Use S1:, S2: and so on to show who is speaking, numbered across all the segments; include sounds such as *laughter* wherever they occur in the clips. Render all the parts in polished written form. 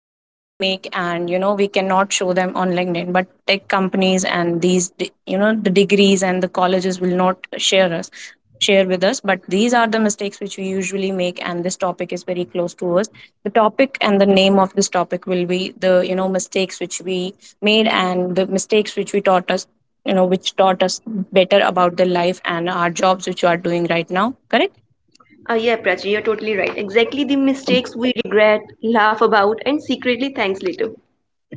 S1: usually make, and we cannot show them on LinkedIn, but tech companies and these, de- you know, the degrees and the colleges will not share with us. But these are the mistakes which we usually make, and this topic is very close to us. The topic and the name of this topic will be the mistakes which we made and the mistakes which we taught us, you know, which taught us better about the life and our jobs which we are doing right now. Correct?
S2: Yeah, Prachi, you're totally right. Exactly the mistakes we regret, laugh about, and secretly thanks later.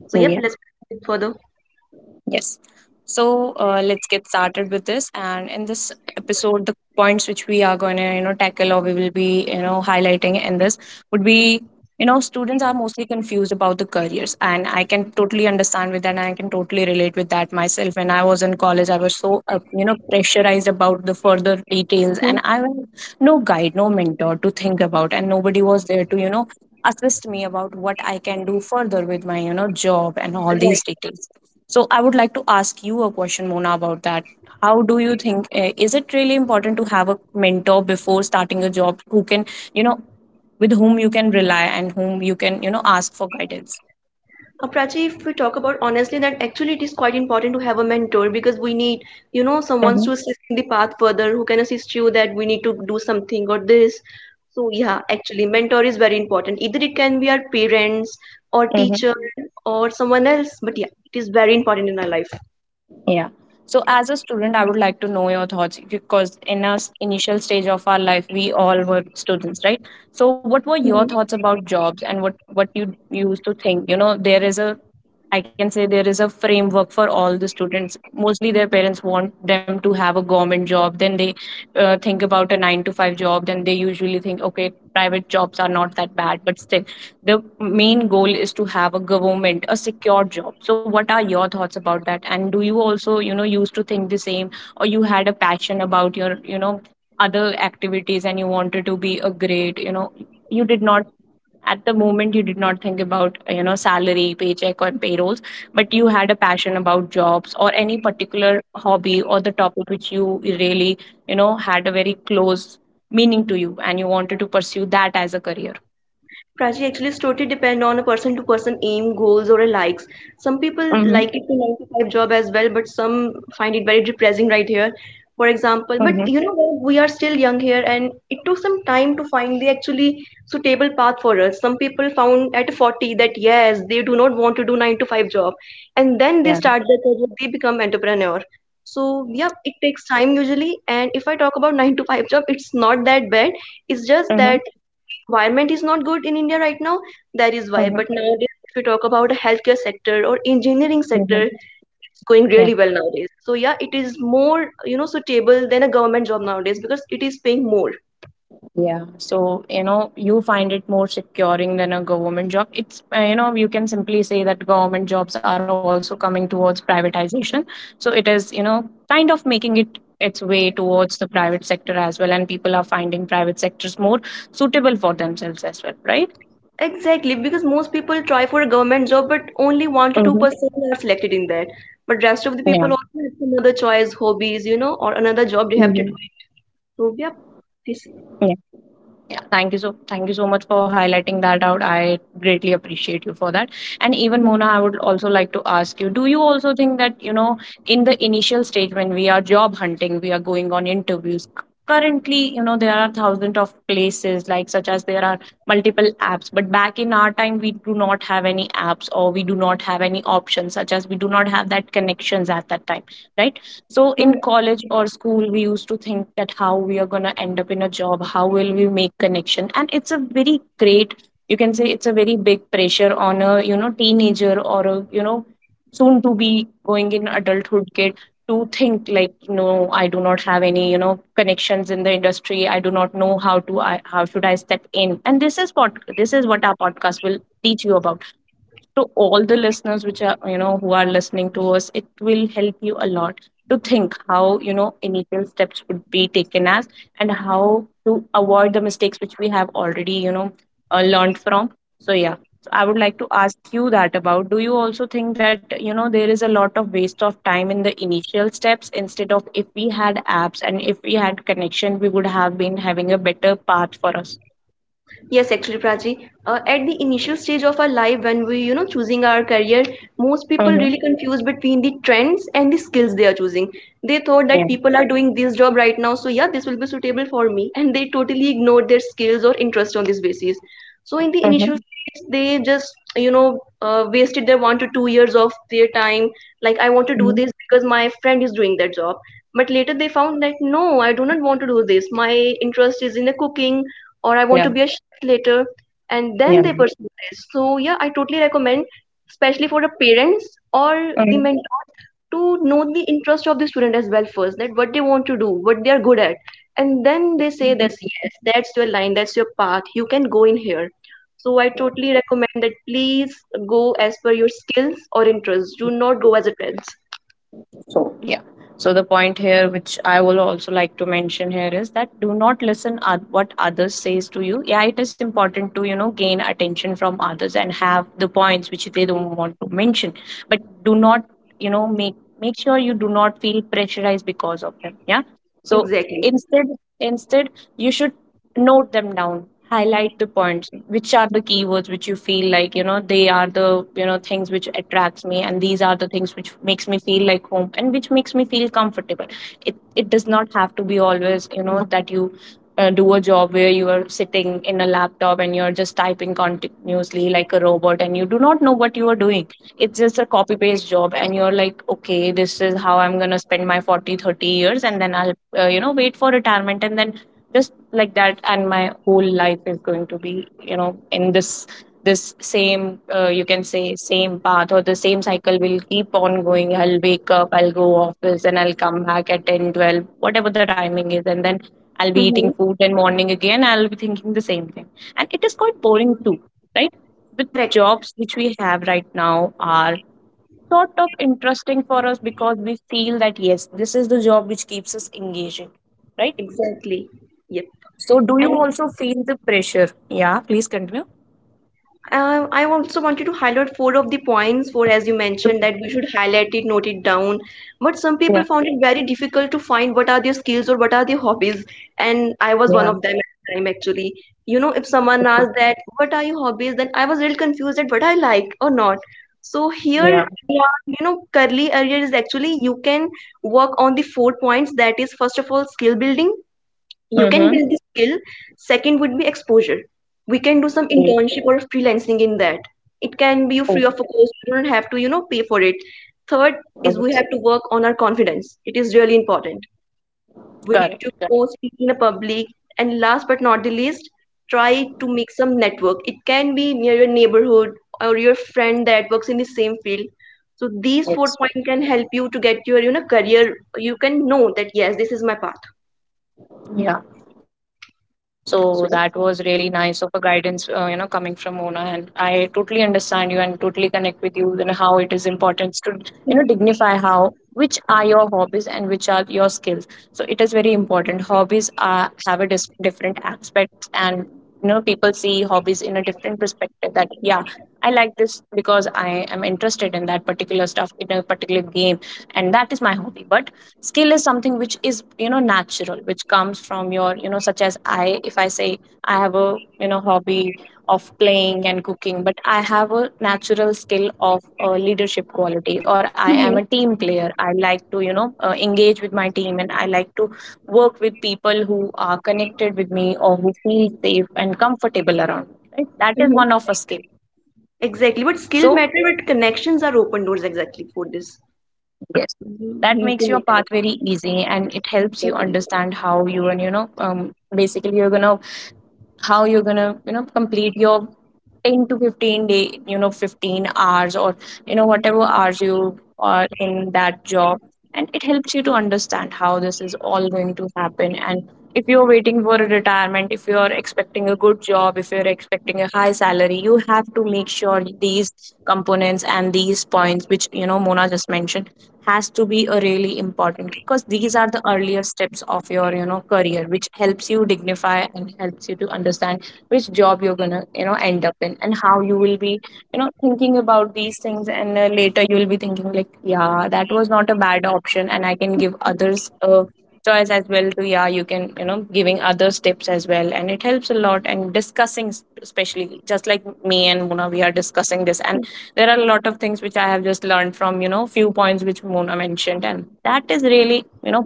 S2: So yep,
S1: Yeah.
S2: let's proceed with further.
S1: Yes. So let's get started with this. And in this episode, the points which we are going to tackle or we will be highlighting in this would be: students are mostly confused about the careers. And I can totally understand with that. And I can totally relate with that myself. When I was in college, I was so pressurized about the further details. And
S2: Hmm.
S1: I was no guide, no mentor to think about. And nobody was there to assist me about what I can do further with my job and all these
S2: Right.
S1: details, so I would like to ask you a question, Mona, about that. How do you think, is it really important to have a mentor before starting a job who can, you know, with whom you can rely and whom you can, ask for guidance?
S2: Prachi, if we talk about honestly, that actually it is quite important to have a mentor because we need someone to
S1: Mm-hmm.
S2: assist in the path further who can assist you that we need to do something or this. So yeah, actually, mentor is very important. Either it can be our parents or teacher or someone else, but yeah, it is very important in our life.
S1: Yeah. So, as a student, I would like to know your thoughts, because in our initial stage of our life, we all were students, right? So, what were your thoughts about jobs, and what you used to think? You know, there is a I can say there is a framework for all the students. Mostly, their parents want them to have a government job. Then they think about a nine to five job. Then they usually think, okay, private jobs are not that bad, but still the main goal is to have a secure job. So what are your thoughts about that, and do you also used to think the same, or you had a passion about your other activities, and you wanted to be a great. You did not At the moment you did not think about salary, paycheck, or payrolls. But you had a passion about jobs, or any particular hobby, or the topic which you really had a very close meaning to you, and you wanted to pursue that as a career.
S2: Prachi, actually, it's totally depend on a person to person aim, goals, or a likes. Some people
S1: Mm-hmm.
S2: like it to 9 to 5 job as well, but some find it very depressing right here. For example, but
S1: Mm-hmm.
S2: you know what? We are still young here, and it took some time to find the actually suitable path for us. Some people found at 40 that yes, they do not want to do 9 to 5 job, and then they
S1: Yeah.
S2: start their career, they become entrepreneur. So yeah, it takes time usually. And if I talk about 9 to 5 job, it's not that bad. It's just
S1: Mhm,
S2: that environment is not good in India right now, that is why.
S1: mhm,
S2: But nowadays if you talk about a healthcare sector or engineering
S1: mhm.
S2: sector, it's going
S1: Yeah,
S2: really well nowadays. So yeah, it is more suitable than a government job nowadays because it is paying more.
S1: yeah. So, you find it more securing than a government job. It's, you can simply say that government jobs are also coming towards privatization. So it is kind of making it its way towards the private sector as well. And people are finding private sectors more suitable for themselves as well, right?
S2: Exactly, because most people try for a government job, but only 1 to
S1: Mm-hmm.
S2: 2% are selected in that. But rest of the
S1: Yeah.
S2: people also have some choice hobbies, you know, or another job they have to
S1: Mm-hmm.
S2: do it. So yeah, this.
S1: Yeah, thank you so much for highlighting that out. I greatly appreciate you for that. And even Mona,
S2: Mhm.
S1: I would also like to ask you, do you also think that in the initial stage, when we are job hunting, we are going on interviews, currently, there are thousands of places, like, such as there are multiple apps, but back in our time we do not have any apps, or we do not have any options, such as we do not have that connections at that time, right? So in
S2: Mhm.
S1: college or school, we used to think that how we are gonna end up in a job, how will we make connection, and it's a very big pressure on a teenager, or a soon to be going in adulthood kid, to think like, no, I do not have any connections in the industry. I do not know how should I step in. And this is what our podcast will teach you about. To all the listeners, which are you know who are listening to us, it will help you a lot to think how, initial steps would be taken, as and how to avoid the mistakes which we have already learned from. So yeah, so I would like to ask you that, about, do you also think that there is a lot of waste of time in the initial steps, instead of, if we had apps and if we had connection, we would have been having a better path for us.
S2: Yes, actually, Prachi. At the initial stage of our life, when we, choosing our career, most people
S1: Mm-hmm.
S2: really confused between the trends and the skills they are choosing. They thought
S1: Yeah.
S2: that people are doing this job right now, so yeah, this will be suitable for me, and they totally ignored their skills or interest on this basis. So in the initial
S1: Mm-hmm.
S2: stage they just wasted their 1 to 2 years of their time. Like, I want to do
S1: Mm-hmm.
S2: this because my friend is doing that job, but later they found that no, I do not want to do this. My interest is in the cooking, or I want to
S1: Yeah.
S2: be a chef later, and then they pursue this. So yeah, I totally recommend, especially for the parents or the
S1: Yeah.
S2: mentors, to know the interest of the student as well first, that what they want to do, what they are good at, and then they say that yes, that's your line, that's your path, you can go in here. So I totally recommend that please go as per your skills or interests, do not go as a trend.
S1: So, yeah. So, the point here, which I will also like to mention here, is that do not listen at what others says to you. Yeah, it is important to gain attention from others and have the points which they don't want to mention, but do not, you know make make sure you do not feel pressurized because of them. Yeah. So
S2: Exactly.
S1: instead, instead you should note them down, highlight the points which are the keywords which you feel like, they are the things which attracts me, and these are the things which makes me feel like home and which makes me feel comfortable. It does not have to be always, that you do a job where you are sitting in a laptop and you're just typing continuously like a robot, and you do not know what you are doing. It's just a copy paste job, and you're like, okay, this is how I'm going to spend my 40 30 years, and then I'll, wait for retirement, and then just like that, and my whole life is going to be, in this same, you can say, same path, or the same cycle will keep on going. I'll wake up, I'll go office, and I'll come back at 10, 12, whatever the timing is, and then I'll be eating
S2: Mm-hmm.
S1: food, then morning again I'll be thinking the same thing. And it is quite boring too, right? The
S2: Correct.
S1: jobs which we have right now are sort of interesting for us, because we feel that yes, this is the job which keeps us engaging, right?
S2: Exactly. Yep.
S1: So do you
S2: And
S1: also feel the pressure? Yeah, please continue.
S2: I also wanted to highlight four of the points, four as you mentioned, that we should highlight it, note it down. But some people
S1: Yeah,
S2: found it very difficult to find what are their skills or what are their hobbies. And I was one
S1: yeah,
S2: of them at a time, actually. You know, if someone asked
S1: okay.
S2: that, what are your hobbies, then I was really confused at what I like or not. So here
S1: Yeah.
S2: in our, you know, curly area is actually you can work on the four points. That is, first of all, skill building, you can build
S1: Mm-hmm.
S2: this skill. Second would be exposure, we can do some
S1: Yeah.
S2: internship or freelancing in that. It can be free of
S1: Oh,
S2: a cost, you don't have to, you know, pay for it. Third is we have to
S1: yes.
S2: work on our confidence, it is really important. We need to
S1: Correct,
S2: go
S1: correct.
S2: speak in a public. And last but not the least, try to make some network. It can be near your neighborhood or your friend that works in the same field. So these four
S1: Yes.
S2: points can help you to get your, you know, career. You can know that yes, this is my path.
S1: Yeah. So that was
S2: So
S1: really
S2: yeah.
S1: nice of a guidance, coming from Mona. And I totally understand you and totally connect with you, and how it is important to dignify how which are your hobbies and which are your skills. So it is very important. Hobbies are have a different aspect, and people see hobbies in a different perspective. That, yeah, I like this because I am interested in that particular stuff, in a particular game, and that is my hobby. But skill is something which is, natural, which comes from your, such as, I if I say, I have a, hobby of playing and cooking, but I have a natural skill of, leadership quality, or I am a
S2: Mhm.
S1: team player. I like to, engage with my team, and I like to work with people who are connected with me, or who feel safe and comfortable around me, right? That is
S2: Mhm.
S1: one of a
S2: Right.
S1: skill.
S2: Exactly, but skill
S1: so
S2: matter, but connections are open doors exactly for this.
S1: Yes,
S2: We
S1: that
S2: need to
S1: makes your
S2: make
S1: path
S2: connections.
S1: very easy, and it helps you
S2: Exactly.
S1: understand how you and basically you're gonna how you're gonna complete your 10 to 15 day, 15 hours or whatever hours you are in that job, and it helps you to understand how this is all going to happen. And if you're waiting for a retirement, if you're expecting a good job, if you're expecting a high salary, you have to make sure these components and these points which Mona just mentioned has to be a really important, because these are the earlier steps of your career which helps you dignify and helps you to understand which job you're gonna end up in and how you will be thinking about these things. And later you will be thinking like, yeah, that was not a bad option, and I can give
S2: Mhm.
S1: others a choice as well to, yeah, you can, giving others tips as well, and it helps a lot. And discussing especially just like me and Mona, we are discussing this, and
S2: Mhm.
S1: there are a lot of things which I have just learned from few points which Mona mentioned, and that is really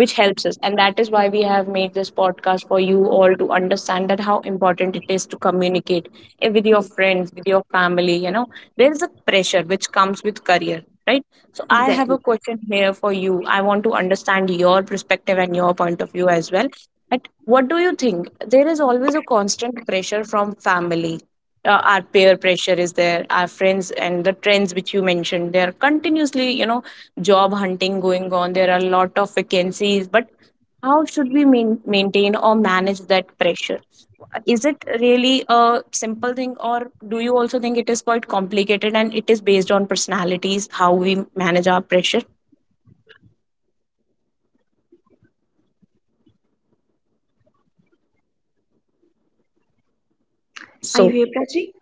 S1: which helps us, and that is why we have made this podcast for you all to understand that how important it is to communicate, with your
S2: Yes.
S1: friends, with your family, there is a pressure which comes with career, right? So I have a
S2: Exactly.
S1: question here for you. I want to understand your perspective and your point of view as well. But what do you think? There is always a constant pressure from family. Our peer pressure is there. Our friends and the trends which you mentioned, they are continuously, job hunting going on. There are a lot of vacancies. But how should we maintain or manage that pressure? Is it really a simple thing, or do you also think it is quite complicated and it is based on personalities, how we manage our pressure?
S2: Are you
S1: So,
S2: here, Prachi?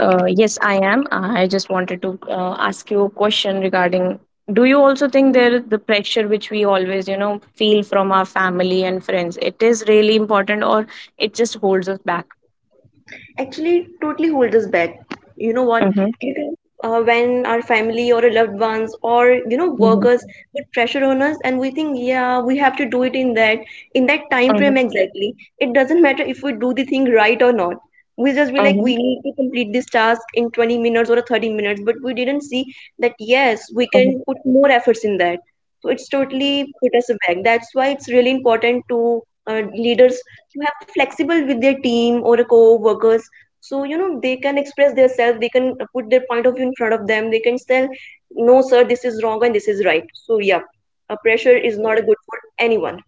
S1: yes, I am. I just wanted to ask you a question regarding, do you also think there the pressure which we always feel from our family and friends, it is really important, or it just holds us back?
S2: Actually totally hold us back. You know what?
S1: Mm-hmm,
S2: You can, when our family or our loved ones or, you know,
S1: mm-hmm,
S2: workers put pressure on us, and we think, yeah, we have to do it in that time frame exactly. It doesn't matter if we do the thing right or not. We just be like,
S1: mm-hmm,
S2: we need to complete this task in 20 minutes or 30 minutes, but we didn't see that yes, we
S1: mm-hmm.
S2: can put more efforts in that. So it's totally put us back. That's why it's really important to leaders, you have a flexible with their team or a co-workers, so you know they can express themselves, they can put their point of view in front of them, they can tell no sir, this is wrong and this is right. So yeah, a pressure is not good for anyone.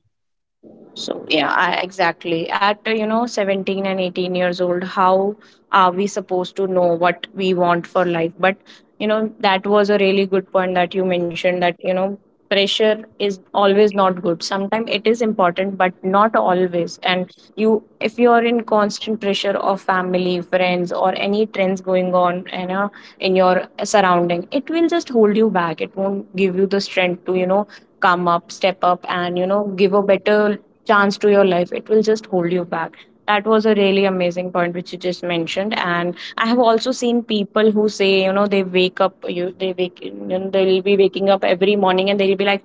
S1: So yeah, I, exactly. At 17 and 18 years old, how are we supposed to know what we want for life? But that was a really good point that you mentioned, that pressure is always not good. Sometimes it is important, but not always. And you, if you are in constant pressure of family, friends, or any trends going on, in your surrounding, it will just hold you back. It won't give you the strength to, come up, step up, and give a better chance to your life. It will just hold you back. That was a really amazing point which you just mentioned, and I have also seen people who say, they wake up, you they'll be waking up every morning and they'll be like,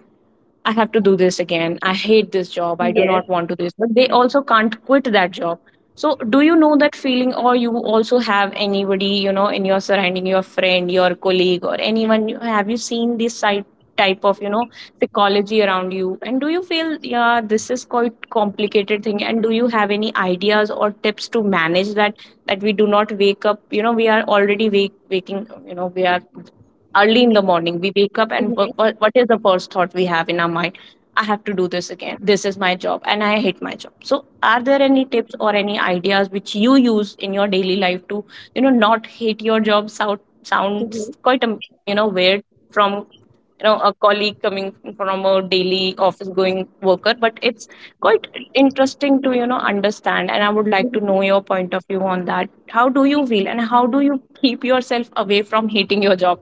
S1: I have to do this again. I hate this job. I do not
S2: Yes.
S1: want to do this. But they also can't quit that job. So do you know that feeling, or you also have anybody, in your surrounding, your friend, your colleague, or have you seen this side type of, psychology around you? And do you feel, yeah, this is quite complicated thing, and do you have any ideas or tips to manage that, that we do not wake up, we are already wake waking, we are early in the morning, we wake up, and
S2: Mhm.
S1: what is the first thought we have in our mind? I have to do this again. This is my job and I hate my job. So are there any tips or any ideas which you use in your daily life to not hate your job? Sound, sounds
S2: Mhm.
S1: quite weird from a colleague coming from a daily office going worker, but it's quite interesting to understand, and I would like to
S2: Mhm.
S1: know your point of view on that. How do you feel and how do you keep yourself away from hating your job?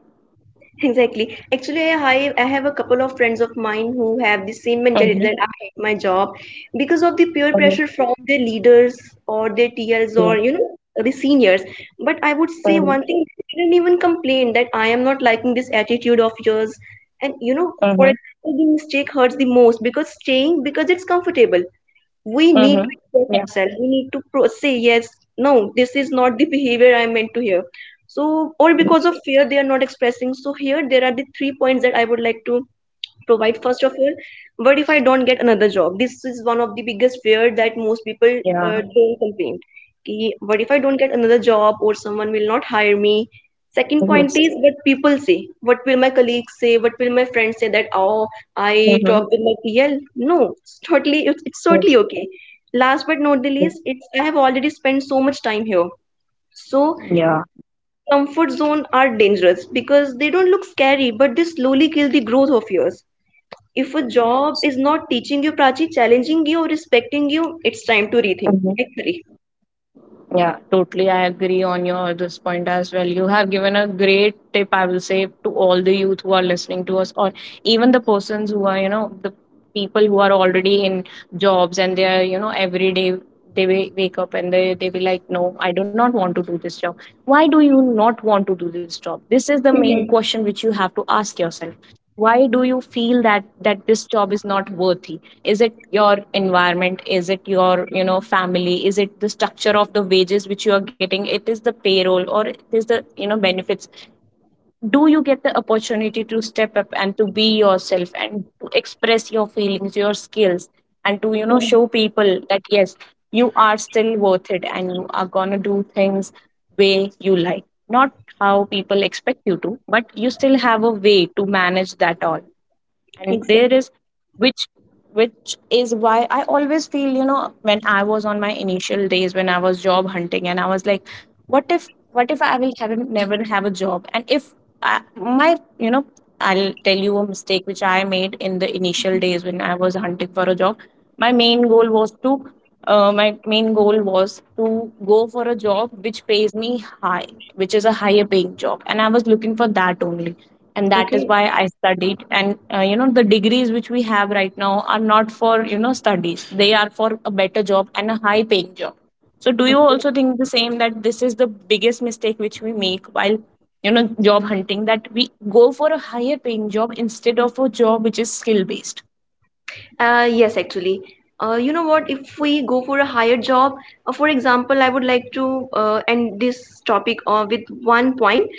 S2: *laughs* Exactly. Actually, I have a couple of friends of mine who have the same mentality that
S1: Mhm,
S2: I hate my job because of the peer
S1: mhm,
S2: pressure from their leaders or their T Ls,
S1: yeah,
S2: or, you know, the seniors. But I would say
S1: mhm,
S2: one thing that they didn't even complain that I am not liking this attitude of yours. And, you know, for
S1: mhm,
S2: example, the mistake hurts the most because staying because it's comfortable. We need to
S1: mhm,
S2: express
S1: yeah,
S2: ourselves, we need to say yes, no this is not the behavior I meant to hear. So or because of fear they are not expressing, so here there are the three points that I would like to provide. First of all, what if I don't get another job? This is one of the biggest fear that most people
S1: yeah,
S2: don't complain कि what if I don't get another job, or someone will not hire me. Second point
S1: yes,
S2: is what people say. What will my colleagues say, what will my friends say, that oh, I
S1: mhm,
S2: talked with my PL. No, it's totally, it's totally
S1: yes,
S2: okay. Last but not the
S1: yeah,
S2: least, it's I have already spent so much time here. So
S1: yeah,
S2: comfort zone are dangerous because they don't look scary, but they slowly kill the growth of yours. If a job is not teaching you, Prachi, challenging you, respecting you, it's time to rethink,
S1: mhm.
S2: actually.
S1: Yeah, totally. I agree on your this point as well. You have given a great tip, I will say, to all the youth who are listening to us, or even the persons who are, the people who are already in jobs, and they are, every day they wake up and they be like, no, I do not want to do this job. Why do you not want to do this job? This is the main
S2: Mhm.
S1: question which you have to ask yourself. Why do you feel that this job is not worthy? Is it your environment? Is it your family? Is it the structure of the wages which you are getting? It is the payroll, or it is the benefits? Do you get the opportunity to step up and to be yourself and to express your feelings, your skills, and to
S2: Mhm.
S1: show people that, yes, you are still worth it and you are going to do things way you like, not how people expect you to, but you still have a way to manage that all. And there
S2: Exactly.
S1: is, which which is why I always feel, when I was on my initial days, when I was job hunting and I was like, what if I will have never have a job, and if I, my I'll tell you a mistake which I made in the initial days when I was hunting for a job. My main goal was to, my main goal was to go for a job which pays me high, which is a higher paying job, and I was looking for that only. And that is
S2: Okay.
S1: why I studied. And the degrees which we have right now are not for studies; they are for a better job and a high paying job. So, do you
S2: Okay.
S1: also think the same, that this is the biggest mistake which we make while job hunting, that we go for a higher paying job instead of a job which is skill based?
S2: Yes, actually. You know what? If we go for a higher job, for example, I would like to end this topic with one point.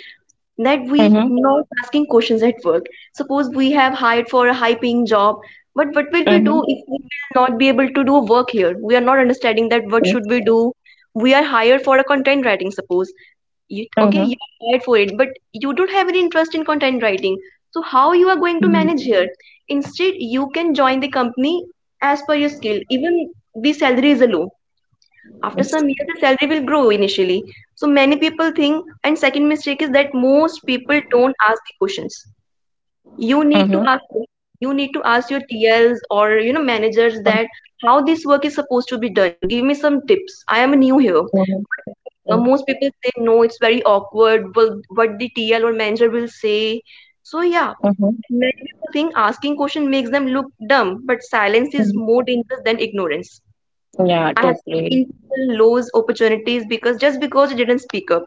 S2: That we
S1: Mm-hmm.
S2: not asking questions at work. Suppose we have hired for a high paying job, but what will we do
S1: Mm-hmm.
S2: if we will not be able to do work here, we are not understanding that what should we do. We are hired for a content writing suppose. You, okay, you are hired for it but you don't have any interest in content writing, so how you are going to manage
S1: Mm-hmm.
S2: here. Instead, you can join the company as per your skill. Even the salary is low, after some years, the salary will grow initially. So many people think, and second mistake is that most people don't ask the questions. You need to
S1: Mhm.
S2: ask questions. You need to ask your TLs or, you know, managers that how this work is supposed to be done. Give me some tips. I am new here,
S1: Mhm.
S2: but the, most people say no. It's very awkward. Well, what the TL or manager will say. So yeah,
S1: Mhm.
S2: many people think asking question makes them look dumb, but silence is more dangerous than ignorance.
S1: Yeah,
S2: I have
S1: totally.
S2: seen people lose opportunities because just because you didn't speak up.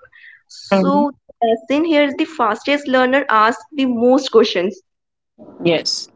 S1: Mhm.
S2: So the lesson here is the fastest learner asks the most questions.
S1: Yes.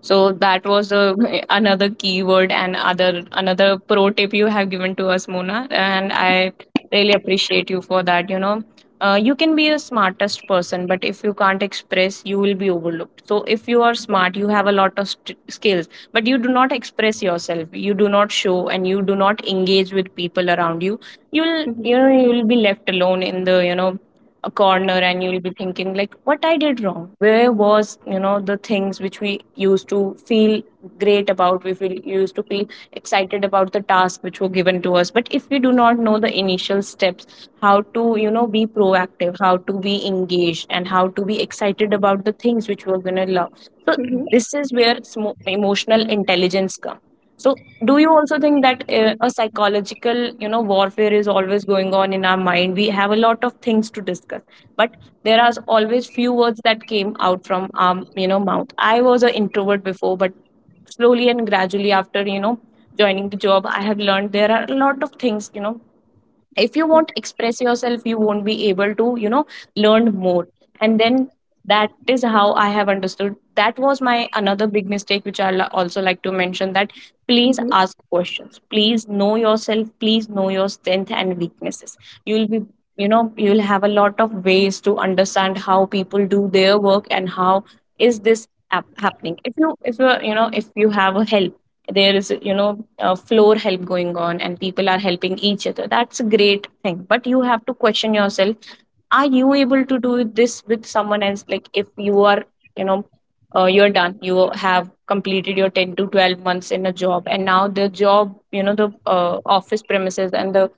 S1: So that was another keyword and other another pro tip you have given to us, Mona, and I really appreciate you for that. You can be a smartest person, but if you can't express, you will be overlooked. So if you are smart, you have a lot of skills, but you do not express yourself, you do not show, and you do not engage with people around you, you'll,
S2: Mhm.
S1: you will be left alone in the a corner, and you'll be thinking like, what I did wrong, where was, the things which we used to feel great about, we feel used to feel excited about the task which were given to us. But if we do not know the initial steps, how to be proactive, how to be engaged, and how to be excited about the things which we're going to love, so
S2: Mhm.
S1: this is where emotional intelligence comes. So, do you also think that a psychological, warfare is always going on in our mind? We have a lot of things to discuss, but there are always few words that came out from our, mouth. I was an introvert before, but slowly and gradually, after joining the job, I have learned there are a lot of things, if you won't
S2: Exactly.
S1: express yourself, you won't be able to learn more. And then, that is how I have understood, that was my another big mistake, which I'll also like to mention, that please
S2: Mhm.
S1: ask questions, please know yourself, please know your strength and weaknesses. You'll be, you'll have a lot of ways to understand how people do their work, and how is this happening. If you you know if you have a help, there is, a floor help going on and people are helping each other, that's a great thing. But you have to question yourself, are you able to do this with someone else? Like, if you are, you know you're done, you have completed your 10 to 12 months in a job, and now the job, the office premises and the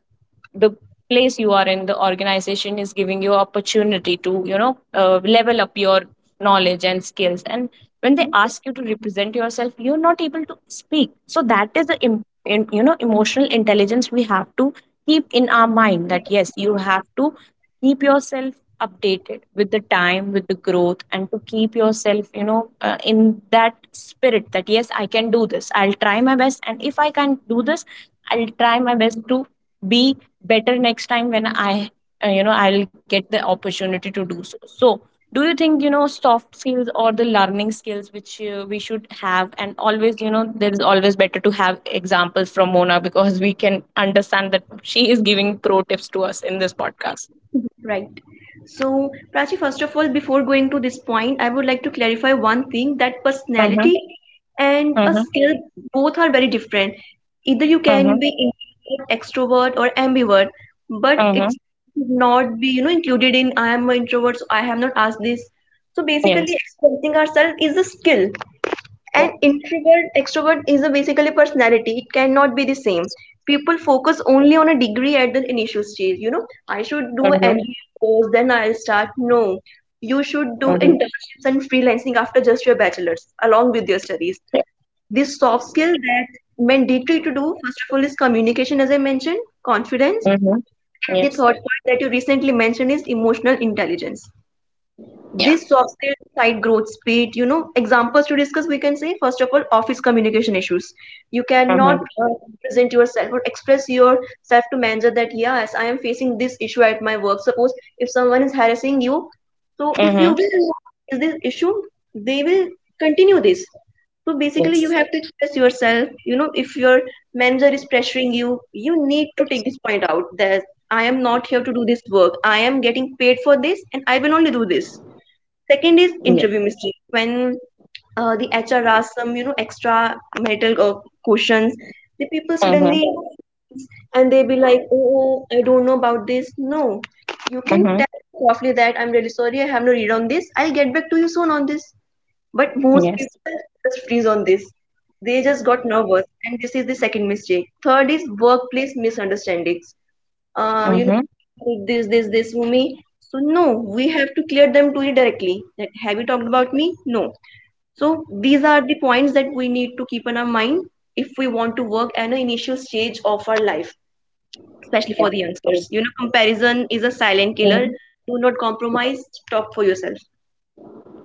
S1: the place you are in the organization is giving you opportunity to level up your knowledge and skills. And when they
S2: Mhm.
S1: ask you to represent yourself, you're not able to speak. So that is the emotional intelligence, we have to keep in our mind, that yes, you have to keep yourself updated with the time, with the growth, and to keep yourself, in that spirit, that yes, I can do this, I'll try my best, and if I can't do this, I'll try my best to be better next time when I, I'll get the opportunity to do so. So, do you think, soft skills or the learning skills which we should have? And always, there is always better to have examples from Mona, because we can understand that she is giving pro tips to us in this podcast.
S2: Mhm. Right. So, Prachi, first of all, before going to this point, I would like to clarify one thing, that
S1: Mm-hmm,
S2: personality and a
S1: mm-hmm,
S2: skill both are very different. Either you can be
S1: mm-hmm,
S2: introvert, extrovert, or ambivert, but
S1: mm-hmm.
S2: it should not be, you know, included in I am an introvert, so I have not asked this. So basically,
S1: Yes.
S2: expressing ourselves is a skill. And
S1: Yes.
S2: introvert, extrovert is a basically personality. It cannot be the same. People focus only on a degree at the initial stage. You know, I should do
S1: Mm-hmm,
S2: MBA first, then I'll start. No, you should do
S1: mm-hmm.
S2: internships and freelancing after just your bachelor's, along with your studies.
S1: Yeah.
S2: This soft skill that mandatory to do, first of all, is communication, as I mentioned, confidence,
S1: Mm-hmm.
S2: and the
S1: Yes.
S2: third point that you recently mentioned is emotional intelligence.
S1: Yeah.
S2: This soft skill decide growth speed. You know, examples to discuss, we can say first of all office communication issues. You cannot
S1: Mm-hmm.
S2: represent yourself or express yourself to manager that yes, I am facing this issue at my work. Suppose if someone is harassing you, so if you
S1: Mm-hmm.
S2: will not raise this issue, they will continue this. So basically you
S1: Yes.
S2: have to express yourself. You know, if your manager is pressuring you, you need to take
S1: Yes.
S2: this point out that I am not here to do this work. I am getting paid for this and I will only do this. Second is
S1: Yes.
S2: interview mistake. When the HR asks some, you know, extra metal questions, the people
S1: Mm-hmm.
S2: suddenly freeze and they be like, oh, oh, I don't know about this. No, you can
S1: Mm-hmm.
S2: tell them softly that I'm really sorry, I have no read on this. I'll get back to you soon on this. But most
S1: Yes.
S2: people just freeze on this. They just got nervous, and this is the second mistake. Third is workplace misunderstandings. You
S1: Mm-hmm.
S2: know, someone took this for me. So no, we have to clear them to you directly. That have you talked about me? No. So these are the points that we need to keep in our mind if we want to work at an initial stage of our life, especially
S1: Yeah.
S2: for the
S1: So,
S2: youngsters. You know, comparison is a silent killer.
S1: um,
S2: Do not compromise. Talk for yourself.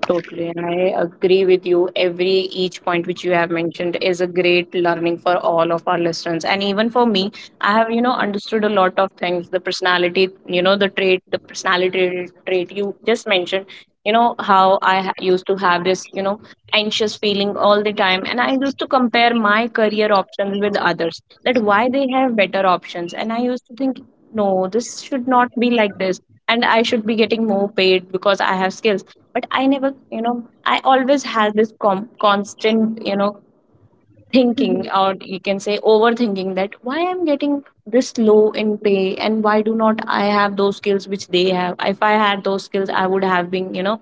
S1: Totally, and I agree with you. Every each point which you have mentioned is a great learning for all of our listeners, and even for me, I have understood a lot of things. The personality, the trait, the personality trait you just mentioned. You know how I used to have this, anxious feeling all the time, and I used to compare my career options with others. That why they have better options, and I used to think, no, this should not be like this, and I should be getting more paid because I have skills, but I never, I always had this constant, thinking, or you can say overthinking, that why I'm getting this low in pay, and why do not I have those skills which they have? If I had those skills, I would have been,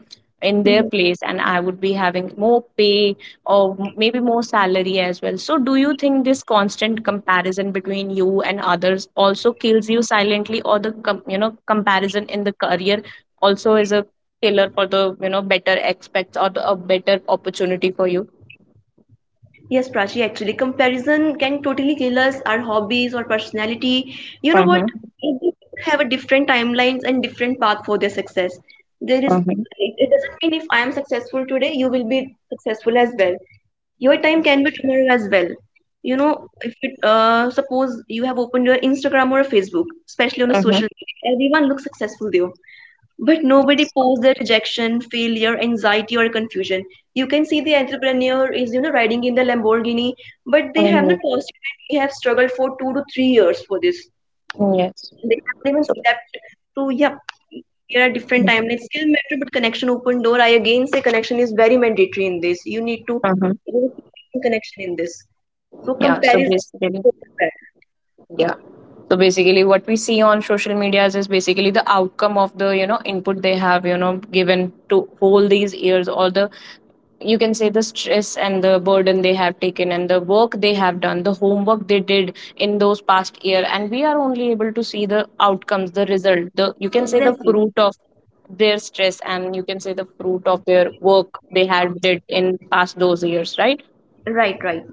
S1: in their place,
S2: *laughs*
S1: and I would be having more pay, or maybe more salary as well. So do you think this constant comparison between you and others also kills you silently, or the comparison in the career also is a killer for the, better aspects, or the, a better opportunity for you?
S2: Yes, Prachi, actually, comparison can totally kill us, our hobbies or personality. You know what?
S1: Mm-hmm.
S2: Every people have a different timelines and different path for their success. There is,
S1: Mm-hmm.
S2: it doesn't mean if I am successful today, you will be successful as well. Your time can be tomorrow as well. You know, if it, suppose you have opened your Instagram or Facebook, especially on a social media, everyone looks successful there. But nobody posts the rejection, failure, anxiety, or confusion. You can see the entrepreneur is, you know, riding in the Lamborghini, but they have
S1: Mhm.
S2: not posted that they have struggled for 2 to 3 years for this.
S1: Yes.
S2: They haven't even
S1: So,
S2: slept. So yeah, there are different timelines. Skill matter, but connection open door. I again say connection is very mandatory in this. You need to,
S1: uh
S2: you know, create some connection in this. So
S1: yeah.
S2: comparison is totally bad.
S1: Yeah. So basically, what we see on social medias is basically the outcome of the, input they have, given to all these years, or the, you can say, the stress and the burden they have taken, and the work they have done, the homework they did in those past year, and we are only able to see the outcomes, the result, the, you can say, the
S2: Exactly.
S1: fruit of their stress, and you can say the fruit of their work they had did in past those years, right?
S2: Right. Right.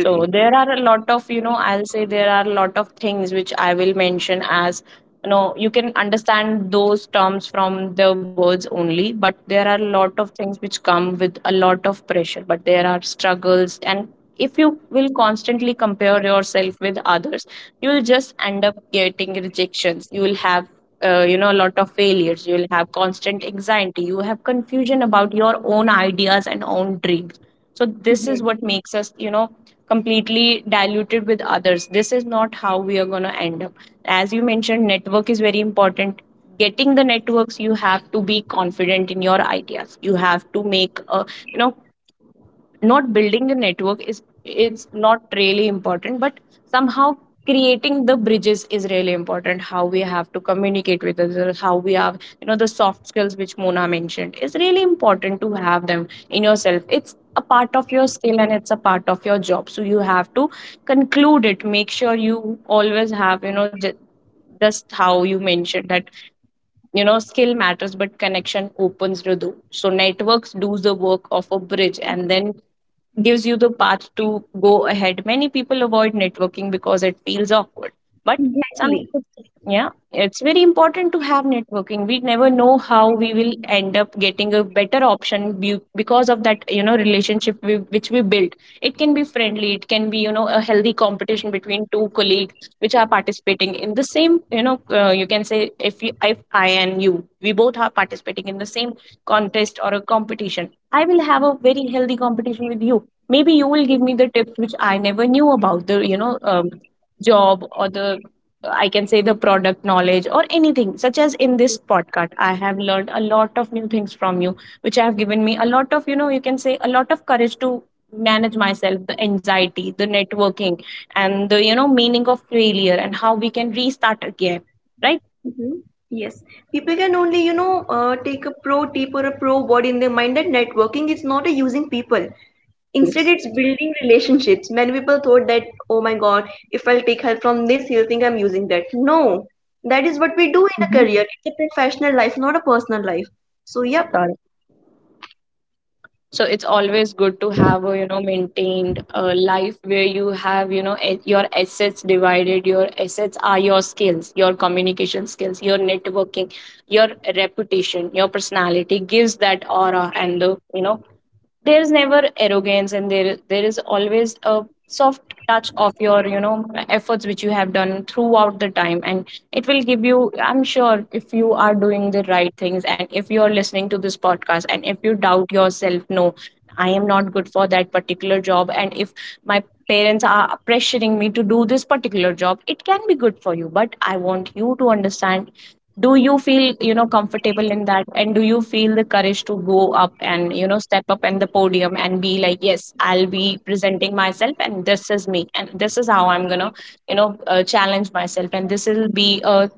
S1: So there are a lot of, I'll say there are a lot of things which I will mention as, you can understand those terms from the words only, but there are a lot of things which come with a lot of pressure, but there are struggles. And if you will constantly compare yourself with others, you will just end up getting rejections. You will have a lot of failures, you will have constant anxiety, you have confusion about your own ideas and own dreams. So this is
S2: Mhm.
S1: what makes us, completely diluted with others. This is not how we are going to end up. As you mentioned, network is very important. Getting the networks, you have to be confident in your ideas. You have to make a, you know not building a network is, it's not really important, but somehow creating the bridges is really important. How we have to communicate with others, how we have, the soft skills which Mona mentioned is really important to have them in yourself. It's a part of your skill and it's a part of your job, so you have to conclude it. Make sure you always have, just how you mentioned that, skill matters, but connection opens the door. So networks do the work of a bridge and then gives you the path to go ahead. Many people avoid networking because it feels awkward. But some,
S2: Exactly.
S1: yeah, it's very important to have networking. We never know how we will end up getting a better option because of that, relationship we, which we built. It can be friendly, it can be, a healthy competition between two colleagues which are participating in the same, you can say, if you, if I and you, we both are participating in the same contest or a competition, I will have a
S2: Mhm.
S1: very healthy competition with you. Maybe you will give me the tips which I never knew about the, job, or the, I can say, the product knowledge, or anything such as, in this podcast I have learned a lot of new things from you which have given me a lot of, you can say, a lot of courage to manage myself, the anxiety, the networking, and the, meaning of failure and how we can restart again, right?
S2: Hmm. Yes, people can only, you know, take a pro tip or a pro word in their mind that networking is not a using people. Instead,
S1: Yes.
S2: it's building relationships. Many people thought that, oh my God, if I'll take help from this, he'll think I'm using that. No, that is what we do in a
S1: Mm-hmm.
S2: career. It's a professional life, not a personal life. So, yep.
S1: Got it. So it's always good to have a, maintained life where you have, your assets divided. Your assets are your skills, your communication skills, your networking, your reputation. Your personality gives that aura, and the, there's never arrogance, and there is always a soft touch of your, efforts which you have done throughout the time, and it will give you, I'm sure, if you are doing the right things, and if you are listening to this podcast, and if you doubt yourself, no, I am not good for that particular job, and if my parents are pressuring me to do this particular job, it can be good for you, but I want you to understand, do you feel, comfortable in that, and do you feel the courage to go up and, step up in the podium and be like, yes, I'll be presenting myself, and this is me, and this is how I'm gonna, challenge myself, and this will be a,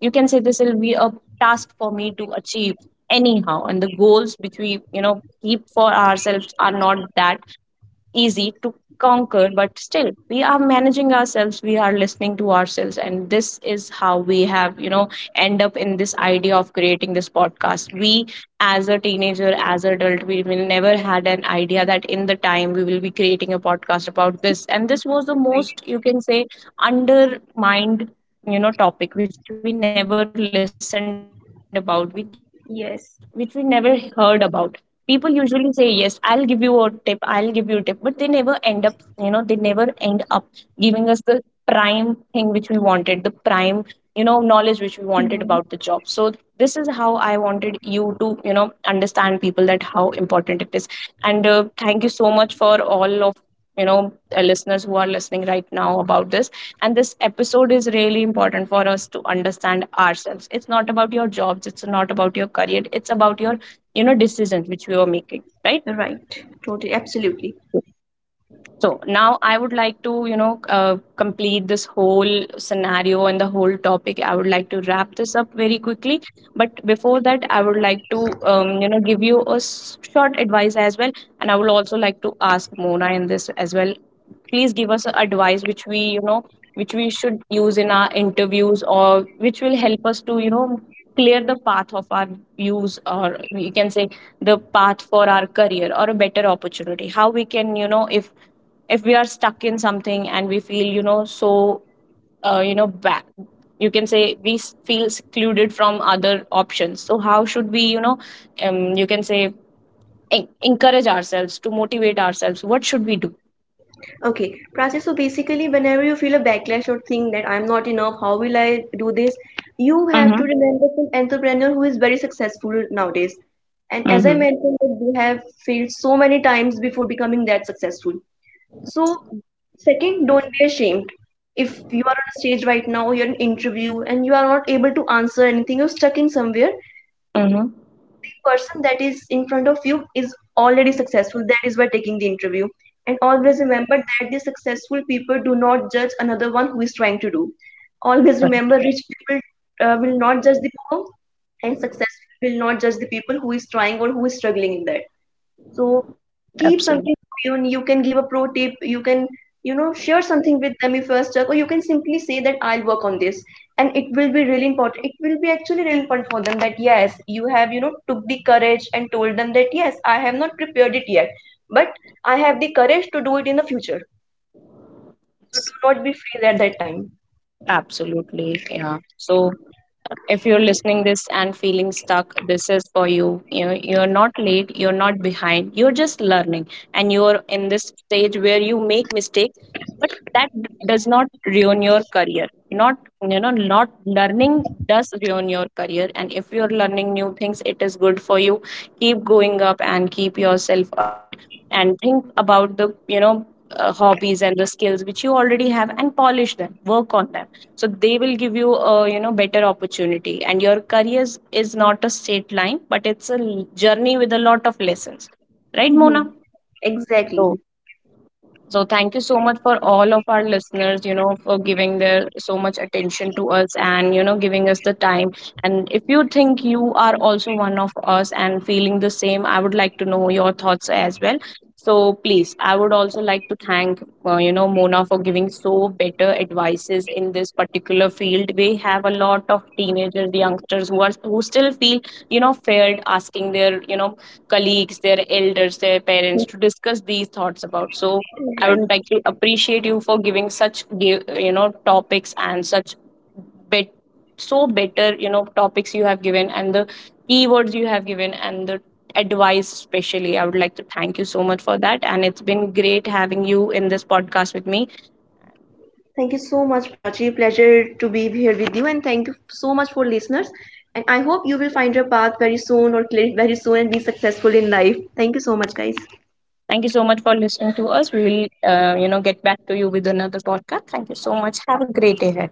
S1: you can say, this will be a task for me to achieve anyhow. And the goals which we, keep for ourselves are not that easy to conquer, but still we are managing ourselves, we are listening to ourselves, and this is how we have, end up in this idea of creating this podcast. We, as a teenager, as an adult, we will never had an idea that in the time we will be creating a podcast about this, and this was the most, you can say, undermined, topic, which we never listened about, which we never heard about. People usually say, yes, I'll give you a tip, I'll give you a tip, but they never end up, they never end up giving us the prime thing which we wanted, the prime, knowledge which we wanted about the job. So this is how
S2: Mhm.
S1: I wanted you to, understand people, that how important it is. And thank you so much for all of, listeners who are listening right now about this. And this episode is really important for us to understand ourselves. It's not about your jobs, it's not about your career, it's about your, decisions which we were making, right?
S2: Right, totally, absolutely.
S1: So now I would like to, complete this whole scenario and the whole topic. I would like to wrap this up very quickly. But before that, I would like to, give you a short advice as well. And I would also like to ask Mona in this as well. Please give us a advice which we, which we should use in our interviews, or which will help us to, clear the path of our views, or we can say the path for our career, or a better opportunity. How we can, if we are stuck in something and we feel, so, back, you can say, we feel secluded from other options, so how should we, you can say, encourage ourselves, to motivate ourselves, what should we do?
S2: Okay, Prachi, so basically, whenever you feel a backlash or think that I'm not enough, how will I do this? You have to
S1: Mm-hmm.
S2: remember some entrepreneur who is very successful nowadays. And as I
S1: Mm-hmm.
S2: mentioned, that they have failed so many times before becoming that successful. So, second, don't be ashamed. If you are on a stage right now, you're in interview, and you are not able to answer anything, you're stuck in somewhere,
S1: Mm-hmm.
S2: the person that is in front of you is already successful, that is why taking the interview. And always remember that the successful people do not judge another one who is trying to do. Always
S1: Correct.
S2: remember rich people will not judge the poor, and successful will not judge the people who is trying or who is struggling in that. So keep
S1: Absolutely.
S2: something going. You can give a pro tip. You can, you know, share something with them if you are stuck, or you can simply say that I'll work on this, and it will be really important. It will be actually really important for them that yes, you have, you know, took the courage and told them that yes, I have not prepared it yet, but I have the courage to do it in the future. So do not be freeze at that time.
S1: Absolutely. Yeah. So if you're listening this and feeling stuck, this is for you. You know, you're not late, you're not behind, you're just learning. And you're in this stage where you make mistakes, but that does not ruin your career. Not, not learning does ruin your career. And if you're learning new things, it is good for you. Keep going up and keep yourself ahead, and think about the, hobbies and the skills which you already have, and polish them, work on them, so they will give you a, better opportunity. And your career is not a straight line, but it's a journey with a lot of lessons, right Mona?
S2: *laughs* Exactly.
S1: So, so thank you so much for all of our listeners, for giving their so much attention to us, and, giving us the time. And if you think you are also one of us and feeling the same, I would like to know your thoughts as well. So please, I would also like to thank, Mona, for giving so better advices in this particular field. We have a lot of teenagers, youngsters who are, who still feel, feared asking their, colleagues, their elders, their parents, to
S2: Mhm.
S1: discuss these thoughts about. So I would
S2: Right.
S1: like to appreciate you for giving such topics, and such bet, so better, topics you have given, and the keywords you have given, and the advice especially. I would like to thank you so much for that, and it's been great having you in this podcast with me.
S2: Thank you so much, Prachi. Pleasure to be here with you, and thank you so much for listeners. And I hope you will find your path very soon or clear it very soon and be successful in life. Thank you so much, guys.
S1: Thank you so much for listening to us. We will, get back to you with another podcast. Thank you so much. Have a great day ahead.